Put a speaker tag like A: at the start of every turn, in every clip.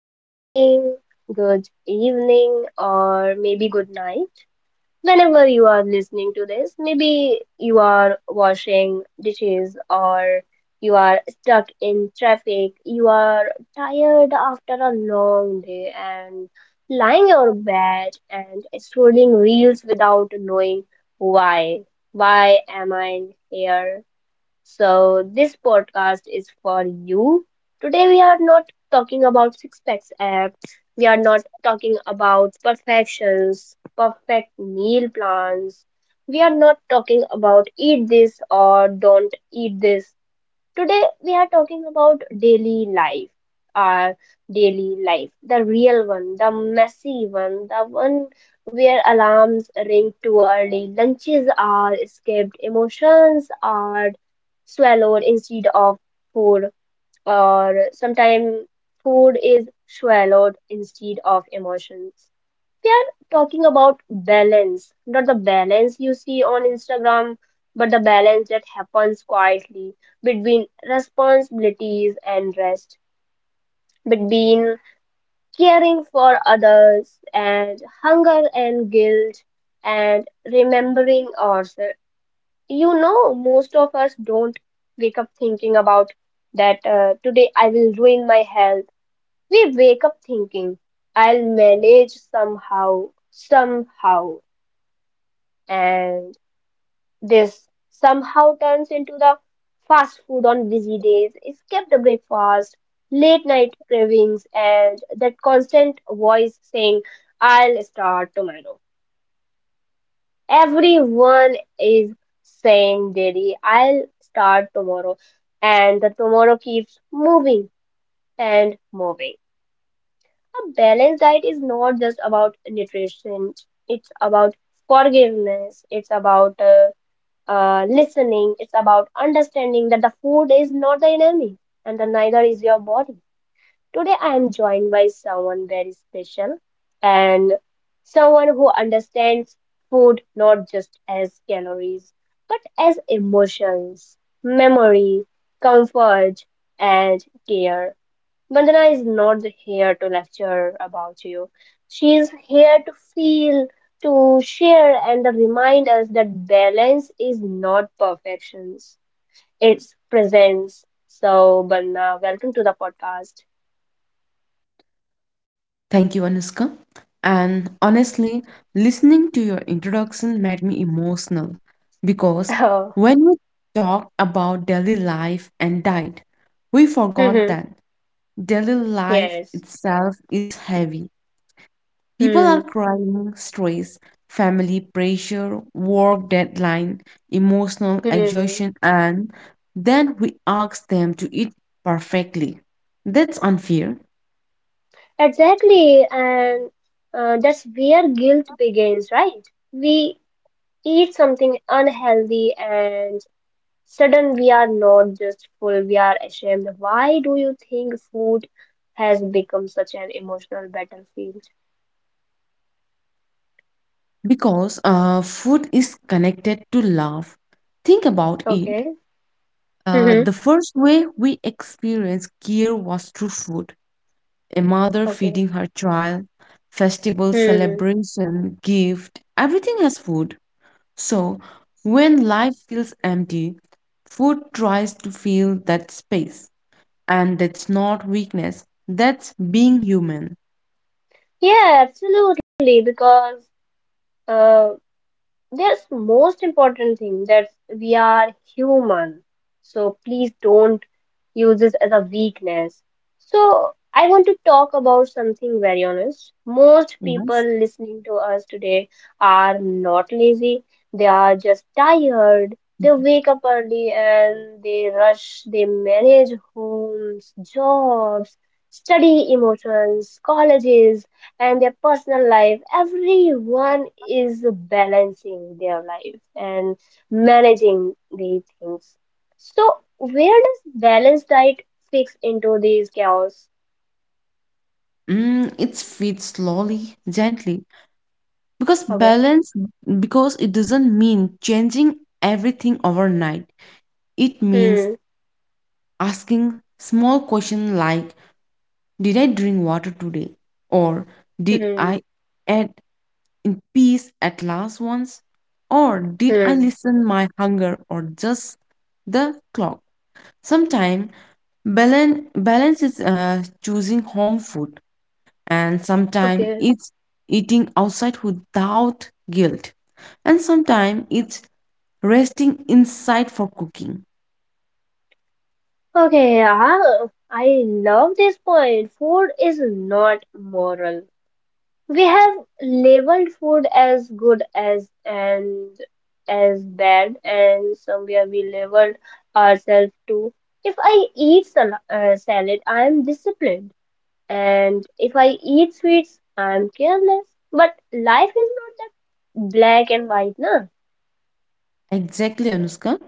A: Good morning, good evening, or maybe good night. Whenever you are listening to this, maybe you are washing dishes or you are stuck in traffic, you are tired after a long day and lying on your bed and scrolling reels without knowing why. Why am I here? So, this podcast is for you. Today, we are not talking about six packs app, we are not talking about perfections, perfect meal plans. We are not talking about eat this or don't eat this. Today we are talking about daily life, our daily life, the real one, the messy one, the one where alarms ring too early, lunches are skipped, emotions are swallowed instead of food, or sometimes food is swallowed instead of emotions. We are talking about balance, not the balance you see on Instagram, but the balance that happens quietly between responsibilities and rest, between caring for others and hunger and guilt and remembering ourselves. You know, most of us don't wake up thinking about that today I will ruin my health. We wake up thinking I'll manage somehow, somehow. And this somehow turns into the fast food on busy days, skip the breakfast, late night cravings, and that constant voice saying, I'll start tomorrow. Everyone is saying daily, I'll start tomorrow, and the tomorrow keeps moving and moving. A balanced diet is not just about nutrition, it's about forgiveness, it's about listening. It's about understanding that the food is not the enemy and the neither is your body. Today I am joined by someone very special and someone who understands food not just as calories but as emotions, memory, comfort, and care. Vandana is not here to lecture about you. She is here to feel, to share, and to remind us that balance is not perfection, it's presence. So, Vandana, welcome to the podcast.
B: Thank you, Anushka. And honestly, listening to your introduction made me emotional because
A: Oh,
B: when we talked about daily life and diet, we forgot
A: mhm,
B: that daily life
A: yes.
B: itself is heavy. People are
A: Hmm.
B: crying stress, family pressure, work deadline, emotional
A: Hmm.
B: exhaustion, and then we ask them to eat perfectly. That's unfair.
A: Exactly. And that's where guilt begins, right? We eat something unhealthy and sudden, we are not just full, we are ashamed. Why do you think food has become such an emotional battlefield?
B: Because food is connected to love. Think about it.
A: Okay. Mm-hmm.
B: The first way we experienced care was through food. A mother
A: Okay.
B: feeding her child, festival,
A: Hmm.
B: celebration, gift, everything has food. So when life feels empty, food tries to fill that space. And that's not weakness, that's being human.
A: Yeah, absolutely. Because uh, there's most important thing that we are human. So please don't use this as a weakness. So I want to talk about something very honest. Most people
B: Yes.
A: listening to us today are not lazy. They are just tired. They wake up early and they rush. They manage homes, jobs, study emotions, colleges, and their personal life. Everyone is balancing their life and managing the things. So where does balanced diet fix into these chaos?
B: It fits slowly, gently. Because
A: Okay.
B: balance, because it doesn't mean changing everything overnight. It means
A: Hmm.
B: asking small questions like, did I drink water today? Or did
A: Hmm.
B: I eat in peace at last once? Or did I
A: Hmm.
B: listen my hunger or just the clock? Sometimes balance is choosing home food, and sometimes
A: Okay.
B: it's eating outside without guilt, and sometimes it's resting inside for cooking.
A: Okay, yeah. I love this point, food is not moral. We have labeled food as good as and as bad, and somewhere we labeled ourselves too. If I eat salad, I am disciplined, and if I eat sweets, I am careless. But life is not that black and white, na?
B: Exactly, Anushka.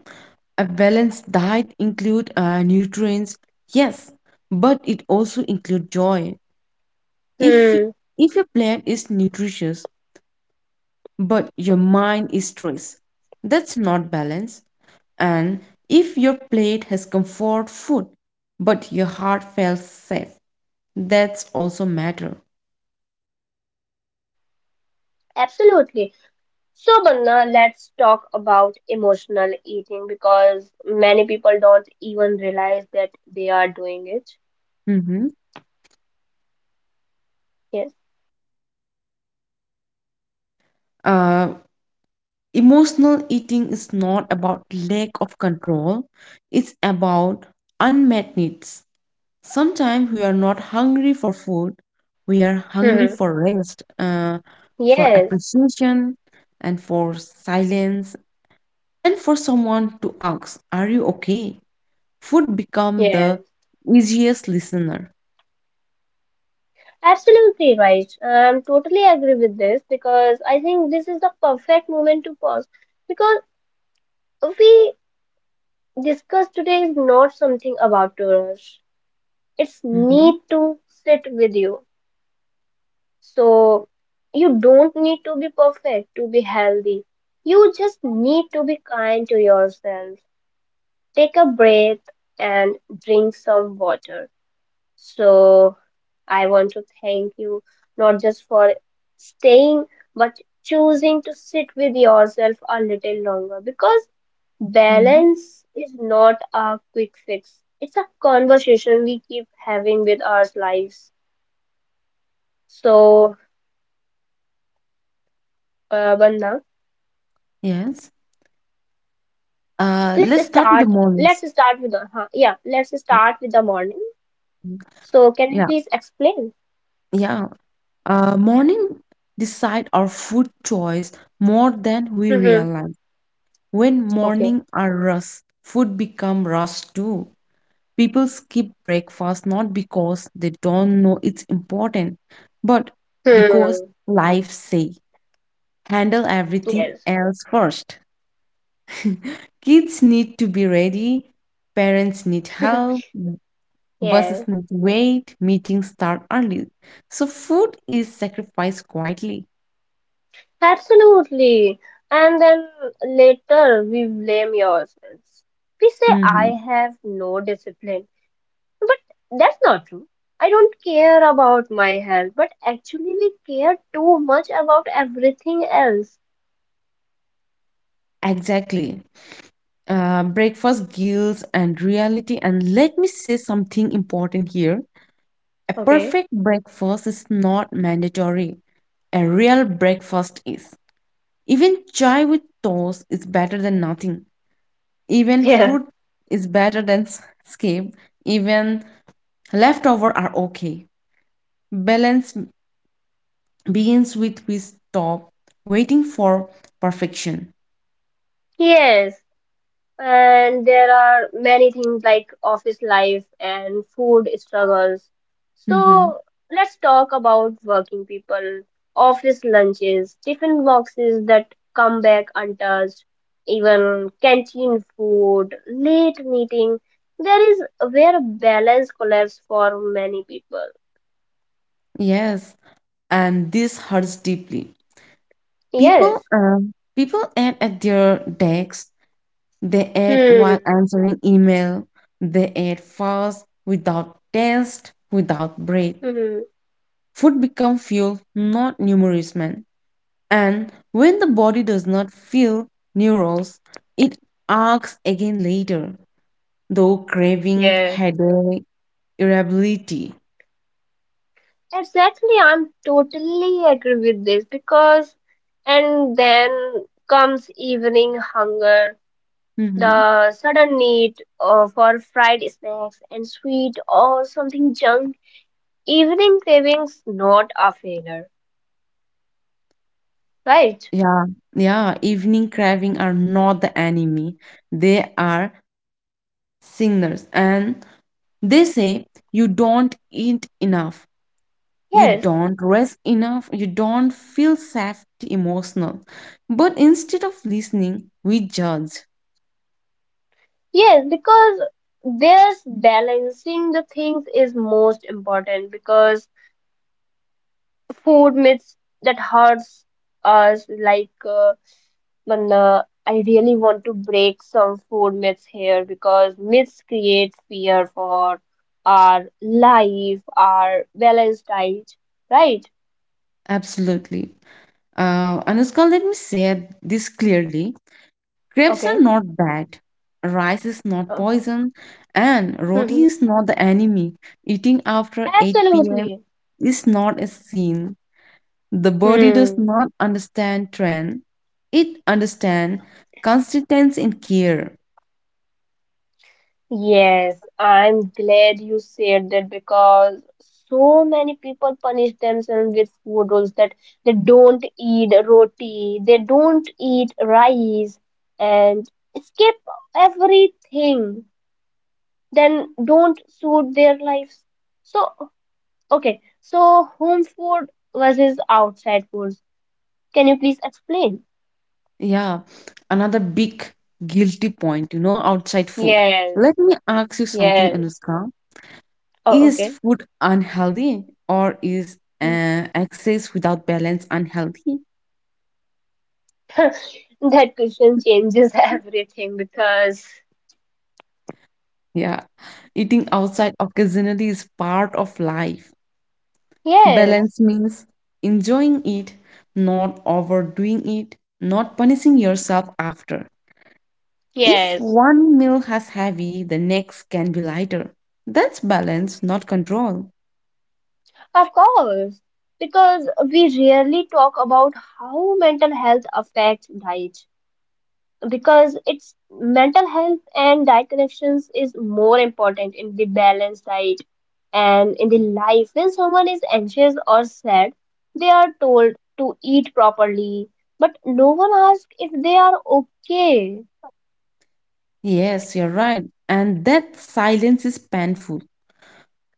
B: A balanced diet include nutrients, yes, but it also include joy. If
A: Hmm,
B: if your plate is nutritious but your mind is stressed, that's not balance. And if your plate has comfort food, but your heart felt safe, that's also matter.
A: absolutely. So, Banna, let's talk about emotional eating because many people don't even realize that they are doing it.
B: Hmm. Uh, Emotional eating is not about lack of control. It's about unmet needs. Sometimes we are not hungry for food. We are hungry
A: Yes.
B: for rest, for
A: Yes,
B: appreciation, and for silence, and for someone to ask, "Are you okay?" Food become
A: yes,
B: the easiest listener.
A: absolutely right. Totally agree with this because I think this is the perfect moment to pause because we discuss today is not something about to rush. It's
B: Hmm.
A: need to sit with you. So you don't need to be perfect to be healthy. You just need to be kind to yourself. Take a breath and drink some water. So I want to thank you not just for staying, but choosing to sit with yourself a little longer because
B: Hmm.
A: balance is not a quick fix. It's a conversation we keep having with our lives. So, Bandha,
B: Yes. Let's
A: let's
B: start with the
A: start.
B: mornings.
A: Let's start with the huh, yeah. Let's
B: Yeah.
A: start with the morning.
B: Mhm.
A: So, can you
B: Yeah.
A: please explain?
B: Yeah. Morning decide our food choice more than we
A: Mm-hmm.
B: realize. When
A: Okay.
B: morning are rush, food become rush too. People skip breakfast not because they don't know it's important, but because
A: Hmm.
B: life say handle everything
A: Yes.
B: else first. Kids need to be ready, parents need help, buses
A: Yes.
B: need wait, meetings start early. So food is sacrificed quietly.
A: Absolutely. And then later we blame yourselves. We say, I
B: Mhm.
A: have no discipline. But that's not true. I don't care about my health, but actually we care too much about everything else.
B: Exactly. Breakfast guilt and reality. And let me say something important here. A
A: Okay?
B: perfect breakfast is not mandatory. A real breakfast is. Even chai with toast is better than nothing. Even
A: Yeah.
B: fruit is better than skip. Even leftover are okay. Balance begins with we stop waiting for perfection.
A: Yes. And there are many things like office life and food struggles.
B: Mhm.
A: So let's talk about working people, office lunches, tiffin boxes that come back untouched, even canteen food, late meeting. There is where balance collapse for many people.
B: Yes, and this hurts deeply. People,
A: Yes.
B: um, people add at their desks. They add while
A: Hmm.
B: answering email. They add fast, without taste, without breath.
A: Hmm.
B: Food become fuel, not nourishment. And when the body does not feel neurons, it asks again later, though craving,
A: Yes.
B: headache, irritability.
A: Exactly, I'm totally agree with this because, and then comes evening hunger,
B: Hmm.
A: the sudden need for fried snacks and sweet or something junk. Evening cravings, not a failure, right?
B: Yeah, yeah. Evening craving are not the enemy; they are signals. And they say you don't eat enough, you
A: Yes,
B: don't rest enough, you don't feel safety emotional. But instead of listening, we judge.
A: yes, because this balancing the things is most important because food myths that hurts us like when, I really want to break some food myths here because myths create fear for our life, our balanced diet, right?
B: Absolutely. Anushka, let me say this clearly. Crepes are
A: Okay.
B: not bad. Rice is not
A: Oh.
B: poison. And roti
A: Mhm.
B: is not the enemy. Eating after 8 p.m.
A: Absolutely.
B: is not a sin. The body does
A: Hmm.
B: not understand trend. It understands constituents in care.
A: Yes, I'm glad you said that because so many people punish themselves with food rules that they don't eat roti, they don't eat rice, and skip everything, then don't suit their lives. So, okay, so home food versus outside foods. Can you please explain?
B: Yeah, another big guilty point, outside food.
A: Yes,
B: Let me ask you something,
A: yes.
B: Anushka.
A: Oh,
B: Is
A: okay.
B: food unhealthy or is excess without balance unhealthy?
A: That question changes everything because,
B: Yeah, eating outside occasionally is part of life.
A: yes,
B: Balance means enjoying it, not overdoing it, not punishing yourself after. If
A: yes,
B: one meal has heavy, the next can be lighter. That's balance, not control.
A: of course, because we rarely talk about how mental health affects diet. Because it's mental health and diet connections is more important in the balanced diet and in the life. When someone is anxious or sad, they are told to eat properly, but no one asks if they are okay.
B: Yes, you're right. And that silence is painful.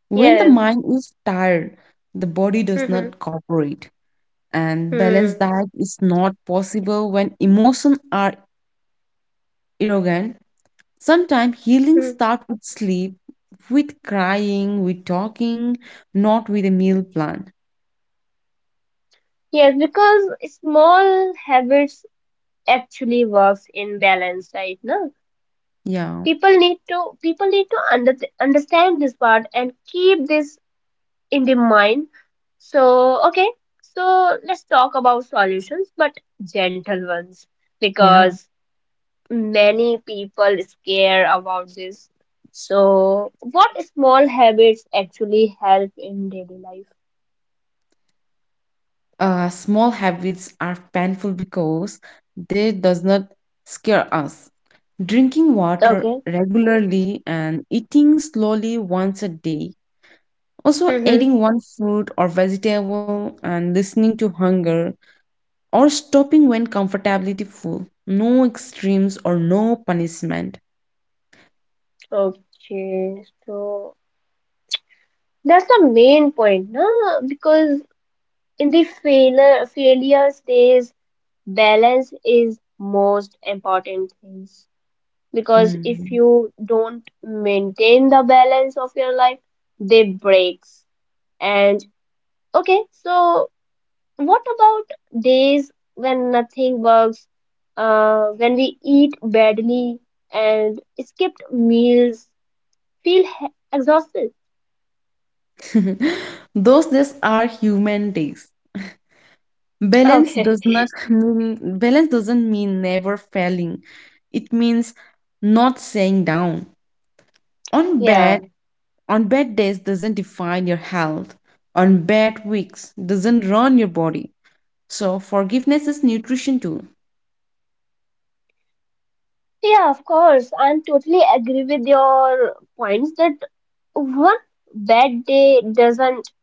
B: When the
A: Yes.
B: mind is tired, the body does
A: Mm-hmm.
B: not cooperate. And balanced
A: Hmm.
B: diet is not possible when emotions are irrogant. Sometimes healing
A: Hmm.
B: starts with sleep, with crying, with talking, not with a meal plan.
A: Yes, because small habits actually works in balance, right? No,
B: Yeah,
A: people need to understand this part and keep this in the mind. So, okay, so let's talk about solutions, but gentle ones,
B: yeah.
A: because many people scare about this. So, what small habits actually help in daily life?
B: Small habits are painful because they does not scare us. Drinking water
A: Okay.
B: regularly and eating slowly once a day, also
A: Mm-hmm.
B: adding one fruit or vegetable and listening to hunger, or stopping when comfortably full, no extremes or no punishment.
A: Okay. So. That's the main point, no? Because in the failure stage, balance is most important things. Because if
B: Hmm.
A: you don't maintain the balance of your life, they breaks. And okay, so what about days when nothing works? When we eat badly and skipped meals, feel exhausted.
B: Those days are human days. Balance
A: Okay,
B: does not mean, balance doesn't mean never failing. It means not saying down. On
A: yeah.
B: bad on bad days doesn't define your health. On bad weeks doesn't run your body. So forgiveness is nutrition too.
A: Yeah, of course. I am totally agree with your points that one bad day doesn't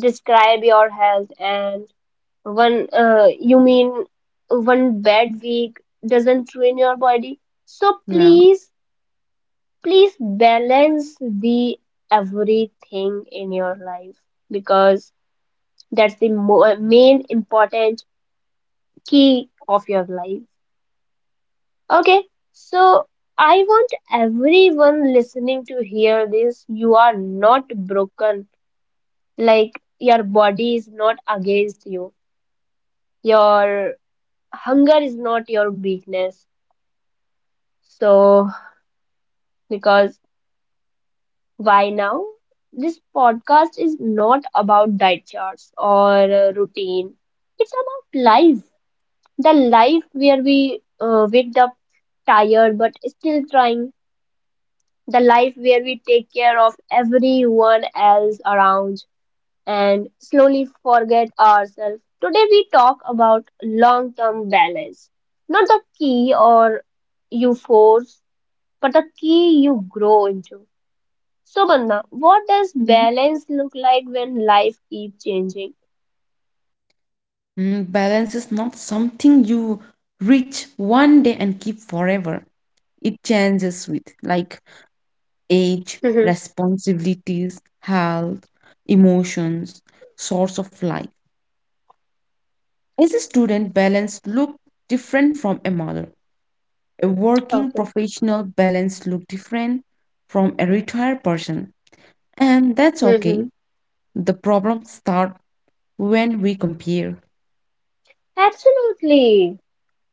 A: describe your health, and one, you mean one bad week doesn't ruin your body. So
B: Yeah.
A: please, please balance the everything in your life because that's the mo main important key of your life. Okay, so I want everyone listening to hear this. You are not broken. Like your body is not against you. Your hunger is not your weakness. So, because why now? This podcast is not about diet charts or routine. It's about life. The life where we wake up tired but still trying, the life where we take care of everyone else around and slowly forget ourselves. Today, we talk about long term balance. Not the key or you force, but the key you grow into. So, Bandha, what does
B: Mhm.
A: balance look like when life keeps changing?
B: Balance is not something you reach one day and keep forever. It changes with like age, responsibilities, health, emotions, source of life. As a student, balance look different from a mother. A working
A: Okay.
B: professional balance look different from a retired person. And that's
A: Hmm.
B: okay. The problem start when we compare.
A: Absolutely.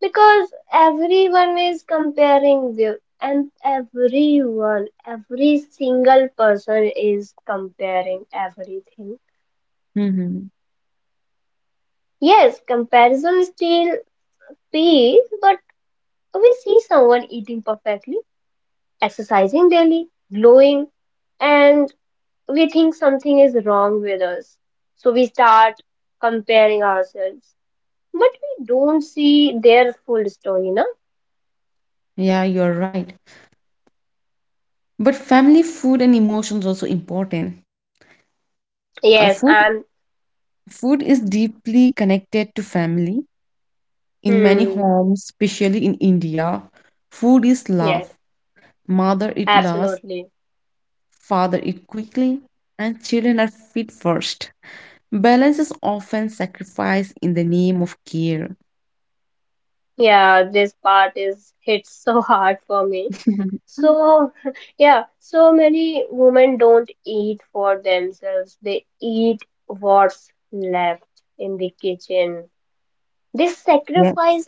A: Because everyone is comparing view and everyone, every single person is comparing everything.
B: Hmm.
A: Yes, comparison still pays, but we see someone eating perfectly, exercising daily, glowing, and we think something is wrong with us. So we start comparing ourselves. But we don't see their full story, no?
B: Yeah, you're right. But family food and emotions also important. Uh,
A: Yes,
B: food
A: and
B: food is deeply connected to family. In many
A: hmm,
B: homes, especially in India, food is
A: yes,
B: love. Mother eat last,
A: absolutely.
B: father eat quickly, and children are fed first. Balance is often sacrificed in the name of care.
A: Yeah, this part is hits so hard for me. So, yeah, so many women don't eat for themselves. They eat what's left in the kitchen. They sacrifice
B: Yes.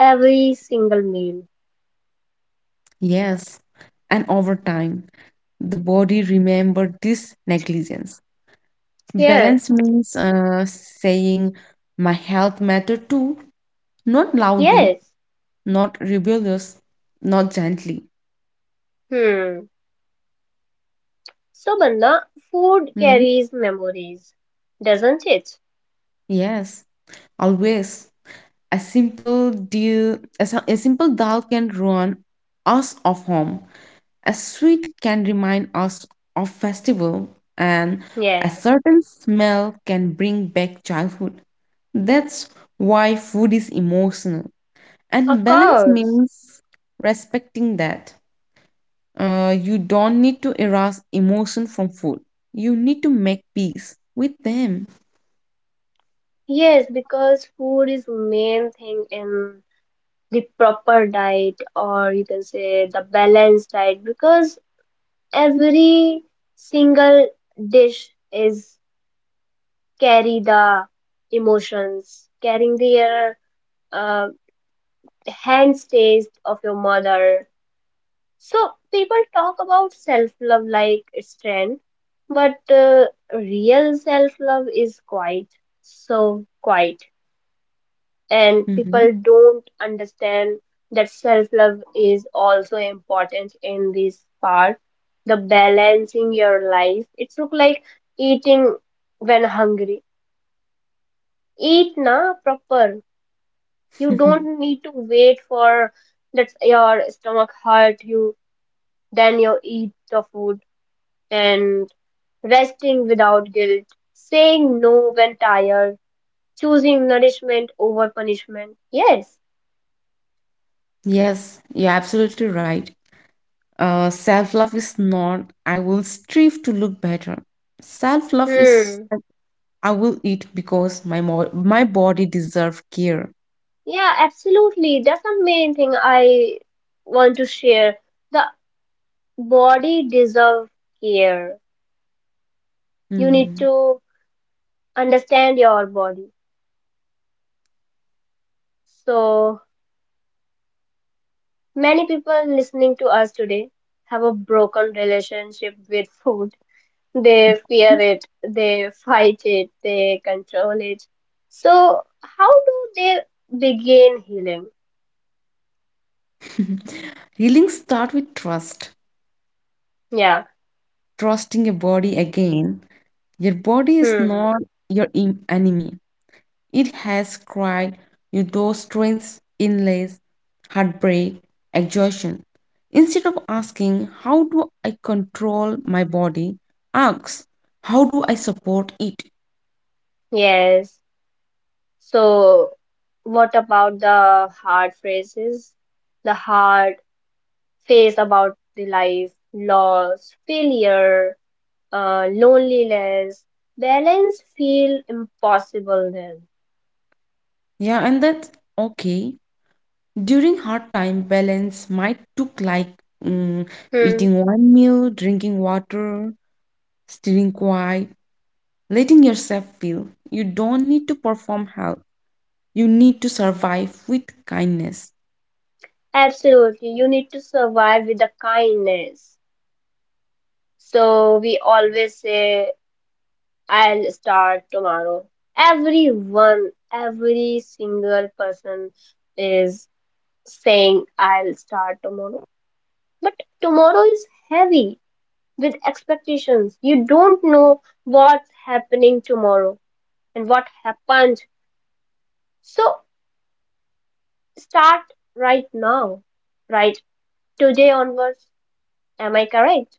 A: every single meal.
B: Yes. And over time, the body remember this negligence.
A: Yeah,
B: Balance means saying my health matter too, not loudly,
A: yes.
B: not rebellious, not gently.
A: Hmm. So, Banda, food
B: Mhm.
A: carries memories, doesn't it?
B: Yes, always. A simple deal, a, si- a simple dal can ruin us of home. A sweet can remind us of festival, and a
A: Yes,
B: certain smell can bring back childhood. That's why food is emotional,
A: of
B: and balance
A: course.
B: means respecting that. You don't need to erase emotion from food. You need to make peace with them.
A: Yes, because food is main thing in the proper diet or you can say the balanced diet because every single dish is carry the emotions carrying their uh, hands taste of your mother. So people talk about self love like it's trend but real self love is quiet. So quiet, and
B: Mhm.
A: people don't understand that self love is also important in this part. The balancing your life it's look like eating when hungry, eat na proper. You don't need to wait for that your stomach hurt you then you eat the food, and resting without guilt, saying no when tired, choosing nourishment over punishment. Yes.
B: Yes, you're absolutely right. Self love is not, I will strive to look better. Self love is
A: Hmm.
B: like, I will eat because my body deserves care.
A: Yeah, absolutely. That's the main thing I want to share. The body deserve care. You need
B: Mhm.
A: to understand your body. So many people listening to us today have a broken relationship with food. They fear it, they fight it, they control it. So how do they begin healing?
B: Healing start with trust,
A: Yeah.
B: trusting your body again. Your body is
A: Hmm.
B: not your enemy. It has cried you those strengths, inlays, heartbreak, exhaustion. Instead of asking, "How do I control my body?" ask, "How do I support it?"
A: Yes. So, what about the hard phrases? The hard phase about the life, loss, failure, loneliness, balance feel impossible then.
B: Yeah, and that's okay. During hard time, balance might look like mm,
A: Hmm.
B: eating one meal, drinking water, staying quiet, letting yourself feel. You don't need to perform health. You need to survive with kindness.
A: Absolutely, you need to survive with the kindness. So we always say, "I'll start tomorrow." Everyone, every single person is saying, "I'll start tomorrow." But tomorrow is heavy with expectations. You don't know what's happening tomorrow and what happened. So start right now, right? Today onwards. Am I correct?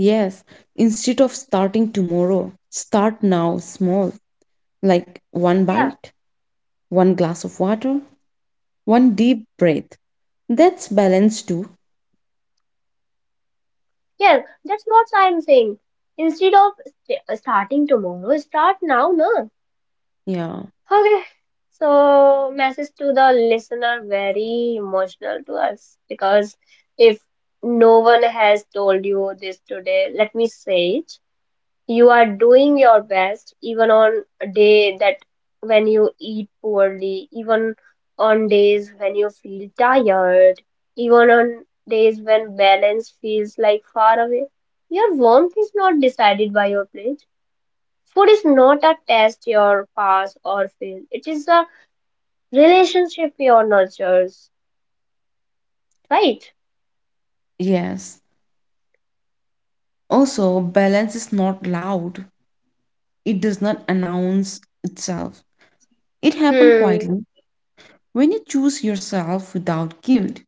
B: Yes, instead of starting tomorrow, start now small, like one
A: Yeah.
B: bite, one glass of water, one deep breath. That's balance too.
A: Yes, that's what I'm saying. Instead of starting tomorrow, start now, no?
B: Yeah,
A: Okay. So, message to the listener very emotional to us because if no one has told you this today, let me say it. You are doing your best, even on a day that when you eat poorly, even on days when you feel tired, even on days when balance feels like far away. Your warmth is not decided by your plate. Food is not a test your pass or fail. It is a relationship you nurtures, right?
B: yes. Also, balance is not loud, it does not announce itself. It happens
A: Hmm,
B: quietly. When you choose yourself without guilt,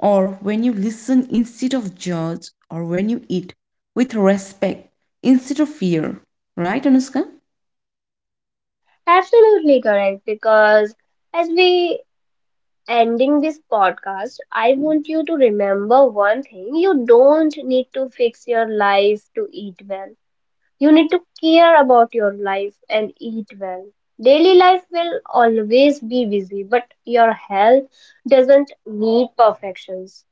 B: or when you listen instead of judge, or when you eat with respect instead of fear. Right, Anushka?
A: absolutely correct. Because as we ending this podcast, I want you to remember one thing: you don't need to fix your life to eat well. You need to care about your life and eat well. Daily life will always be busy, but your health doesn't need perfections.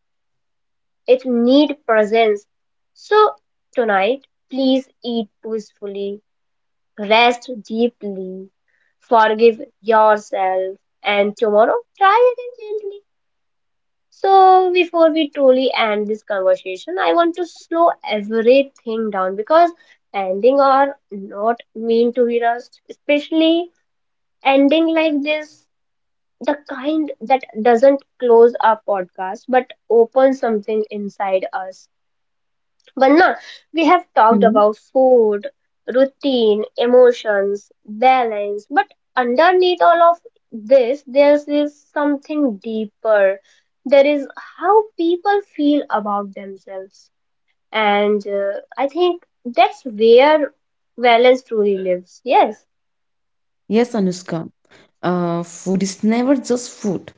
A: It needs presence. So tonight, please eat peacefully, rest deeply, forgive yourself, and tomorrow try again gently. So, before we truly end this conversation, I want to slow everything down because ending are not mean to be rushed, especially ending like this, the kind that doesn't close our podcast but opens something inside us. But now we have talked
B: Hmm.
A: about food, routine, emotions, balance, but underneath all of this, there is something deeper. There is how people feel about themselves, and I think that's where balance truly lives. Yes,
B: Yes, Anushka. Food is never just food.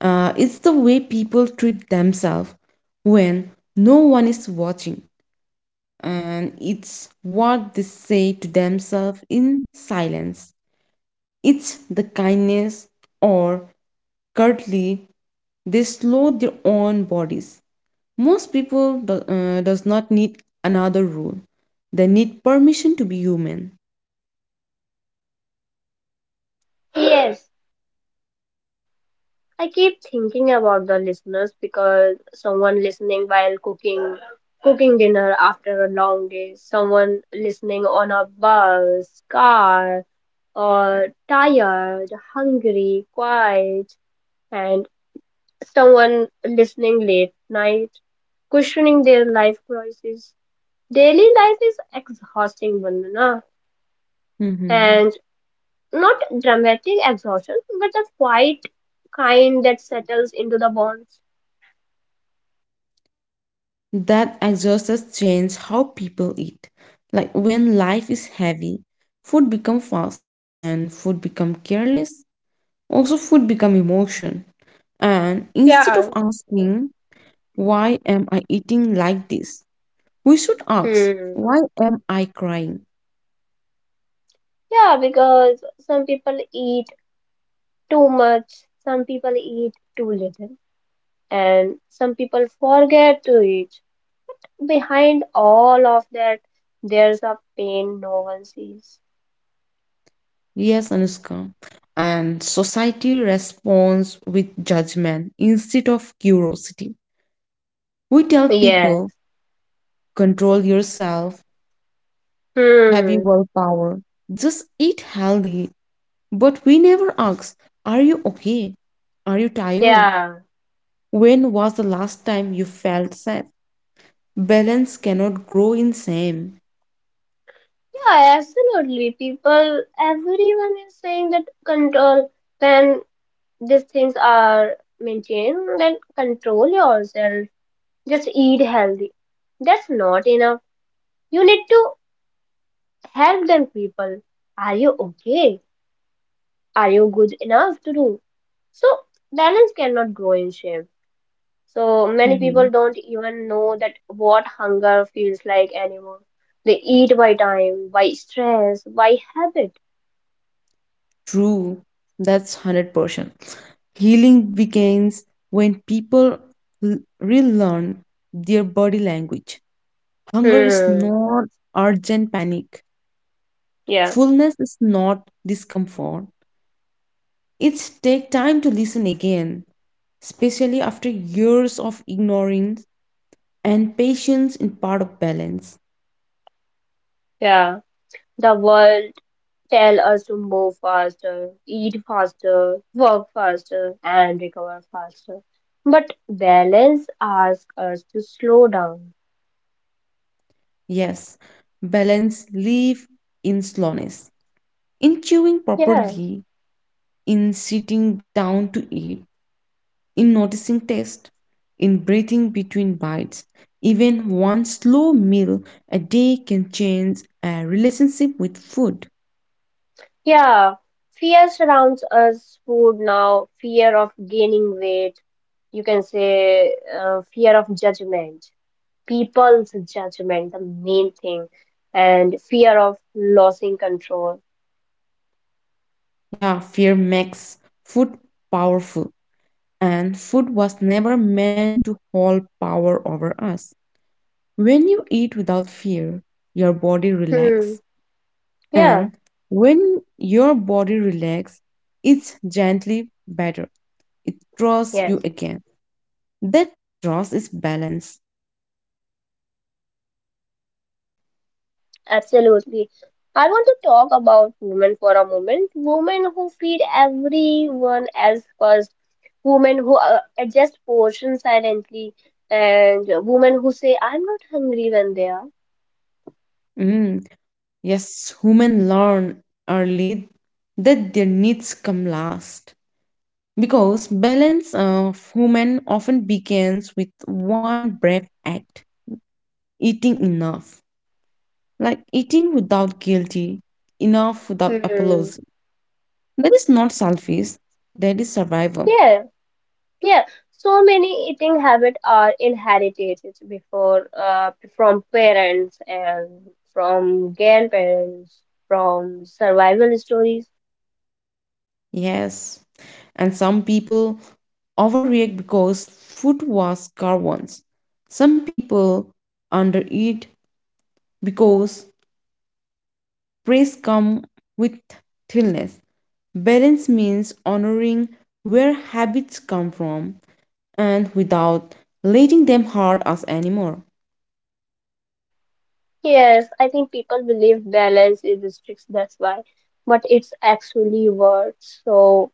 B: It's the way people treat themselves when no one is watching, and it's what they say to themselves in silence. It's the kindness or curtly they slow their own bodies. Most people do, does not need another rule. They need permission to be human.
A: yes. I keep thinking about the listeners because someone listening while cooking dinner after a long day, someone listening on a bus, car, or tired, hungry, quiet, and someone listening late night, questioning their life choices. Daily life is exhausting, Vandana,
B: Hmm.
A: and not dramatic exhaustion, but a quiet kind that settles into the bones.
B: That exhaust has changed how people eat. Like when life is heavy, food become fast and food become careless. Also food become emotion. And instead of
A: Yeah.
B: asking, "Why am I eating like this?" we should ask,
A: Hmm.
B: "Why am I crying?"
A: Yeah, because some people eat too much, some people eat too little, and some people forget to eat. Behind all of that, there's a pain no one sees.
B: Yes, Anushka. And society responds with judgment instead of curiosity. We tell
A: Yes.
B: people, control yourself, have you
A: Hmm.
B: willpower, just eat healthy. But we never ask, are you okay? Are you tired?
A: Yeah.
B: When was the last time you felt safe? Balance cannot grow in shame.
A: Yeah, absolutely. People, everyone is saying that control, when these things are maintained, then control yourself. Just eat healthy. That's not enough. You need to help them people. Are you okay? Are you good enough to do? So balance cannot grow in shame. So many
B: Mm-hmm.
A: people don't even know that what hunger feels like anymore. They eat by time, by stress, by habit.
B: True, that's 100%. Healing begins when people relearn their body language. Hunger is
A: Hmm.
B: not urgent panic.
A: Yeah.
B: Fullness is not discomfort. It's take time to listen again, especially after years of ignorance and patience in part of balance.
A: Yeah. The world tell us to move faster, eat faster, work faster, and recover faster. But balance asks us to slow down.
B: Yes, balance live in slowness. In chewing
A: Yeah.
B: properly, in sitting down to eat, in noticing taste, in breathing between bites. Even one slow meal a day can change a relationship with food.
A: Yeah, fear surrounds us. Food now, fear of gaining weight, you can say fear of judgment, people's judgment, the main thing, and fear of losing control.
B: Yeah, fear makes food powerful, and food was never meant to hold power over us. When you eat without fear, your body
A: Hmm.
B: relax,
A: Yeah,
B: and when your body relax, it's gently better. It trusts you
A: yes,
B: again. That draws is balance.
A: absolutely. I want to talk about women for a moment. Women who feed everyone else first, women who adjust portions silently, and women who say, "I'm not hungry," when they are.
B: Mm, yes, women learn early that their needs come last because balance of women often begins with one brave act, eating enough. Like eating without guilty, enough without
A: Hmm.
B: applause. That is not selfish, that is survival.
A: Yeah, yeah. So many eating habits are inherited before from parents and from grandparents, from survival stories.
B: Yes. And some people overreact because food was scarce once. Some people undereat because praise come with stillness. Balance means honoring where habits come from and without letting them hurt us anymore.
A: Yes, I think people believe balance is strict, that's why. But it's actually words, so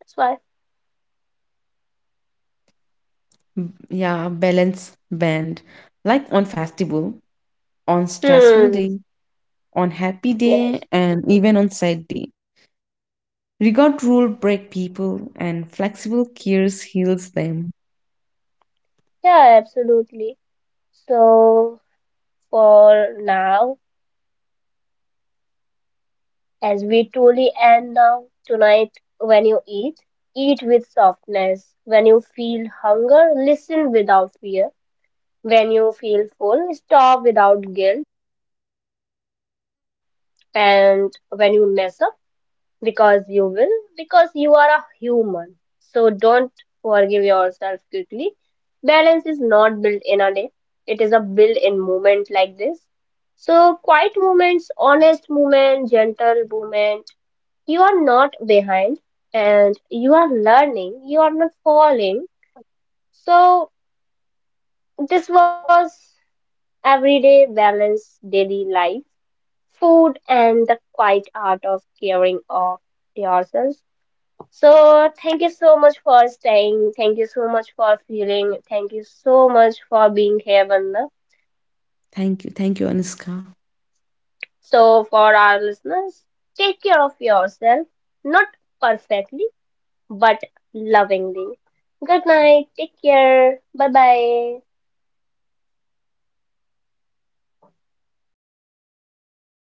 A: that's why.
B: Yeah, balance band. Like on festival, on stressful
A: Hmm.
B: day, on happy day,
A: Yes.
B: and even on sad day. Regard rule break people and flexible cures heals them.
A: Yeah, absolutely. So for now, as we truly end now tonight, when you eat, eat with softness; when you feel hunger, listen without fear; when you feel full, stop without guilt; and when you mess up, because you will, because you are a human, so don't, forgive yourself quickly. Balance is not built in a day. It is a built in moment like this, so quiet moments, honest moment, gentle moment. You are not behind, and you are learning, you are not falling. So this was everyday balance, daily life, food, and the quiet art of caring of yourself. So thank you so much for staying, thank you so much for feeling, thank you so much for being here, Vandana.
B: Thank you. Thank you, Anuska.
A: So for our listeners, take care of yourself, not perfectly, but lovingly. Good night. Take care. Bye bye.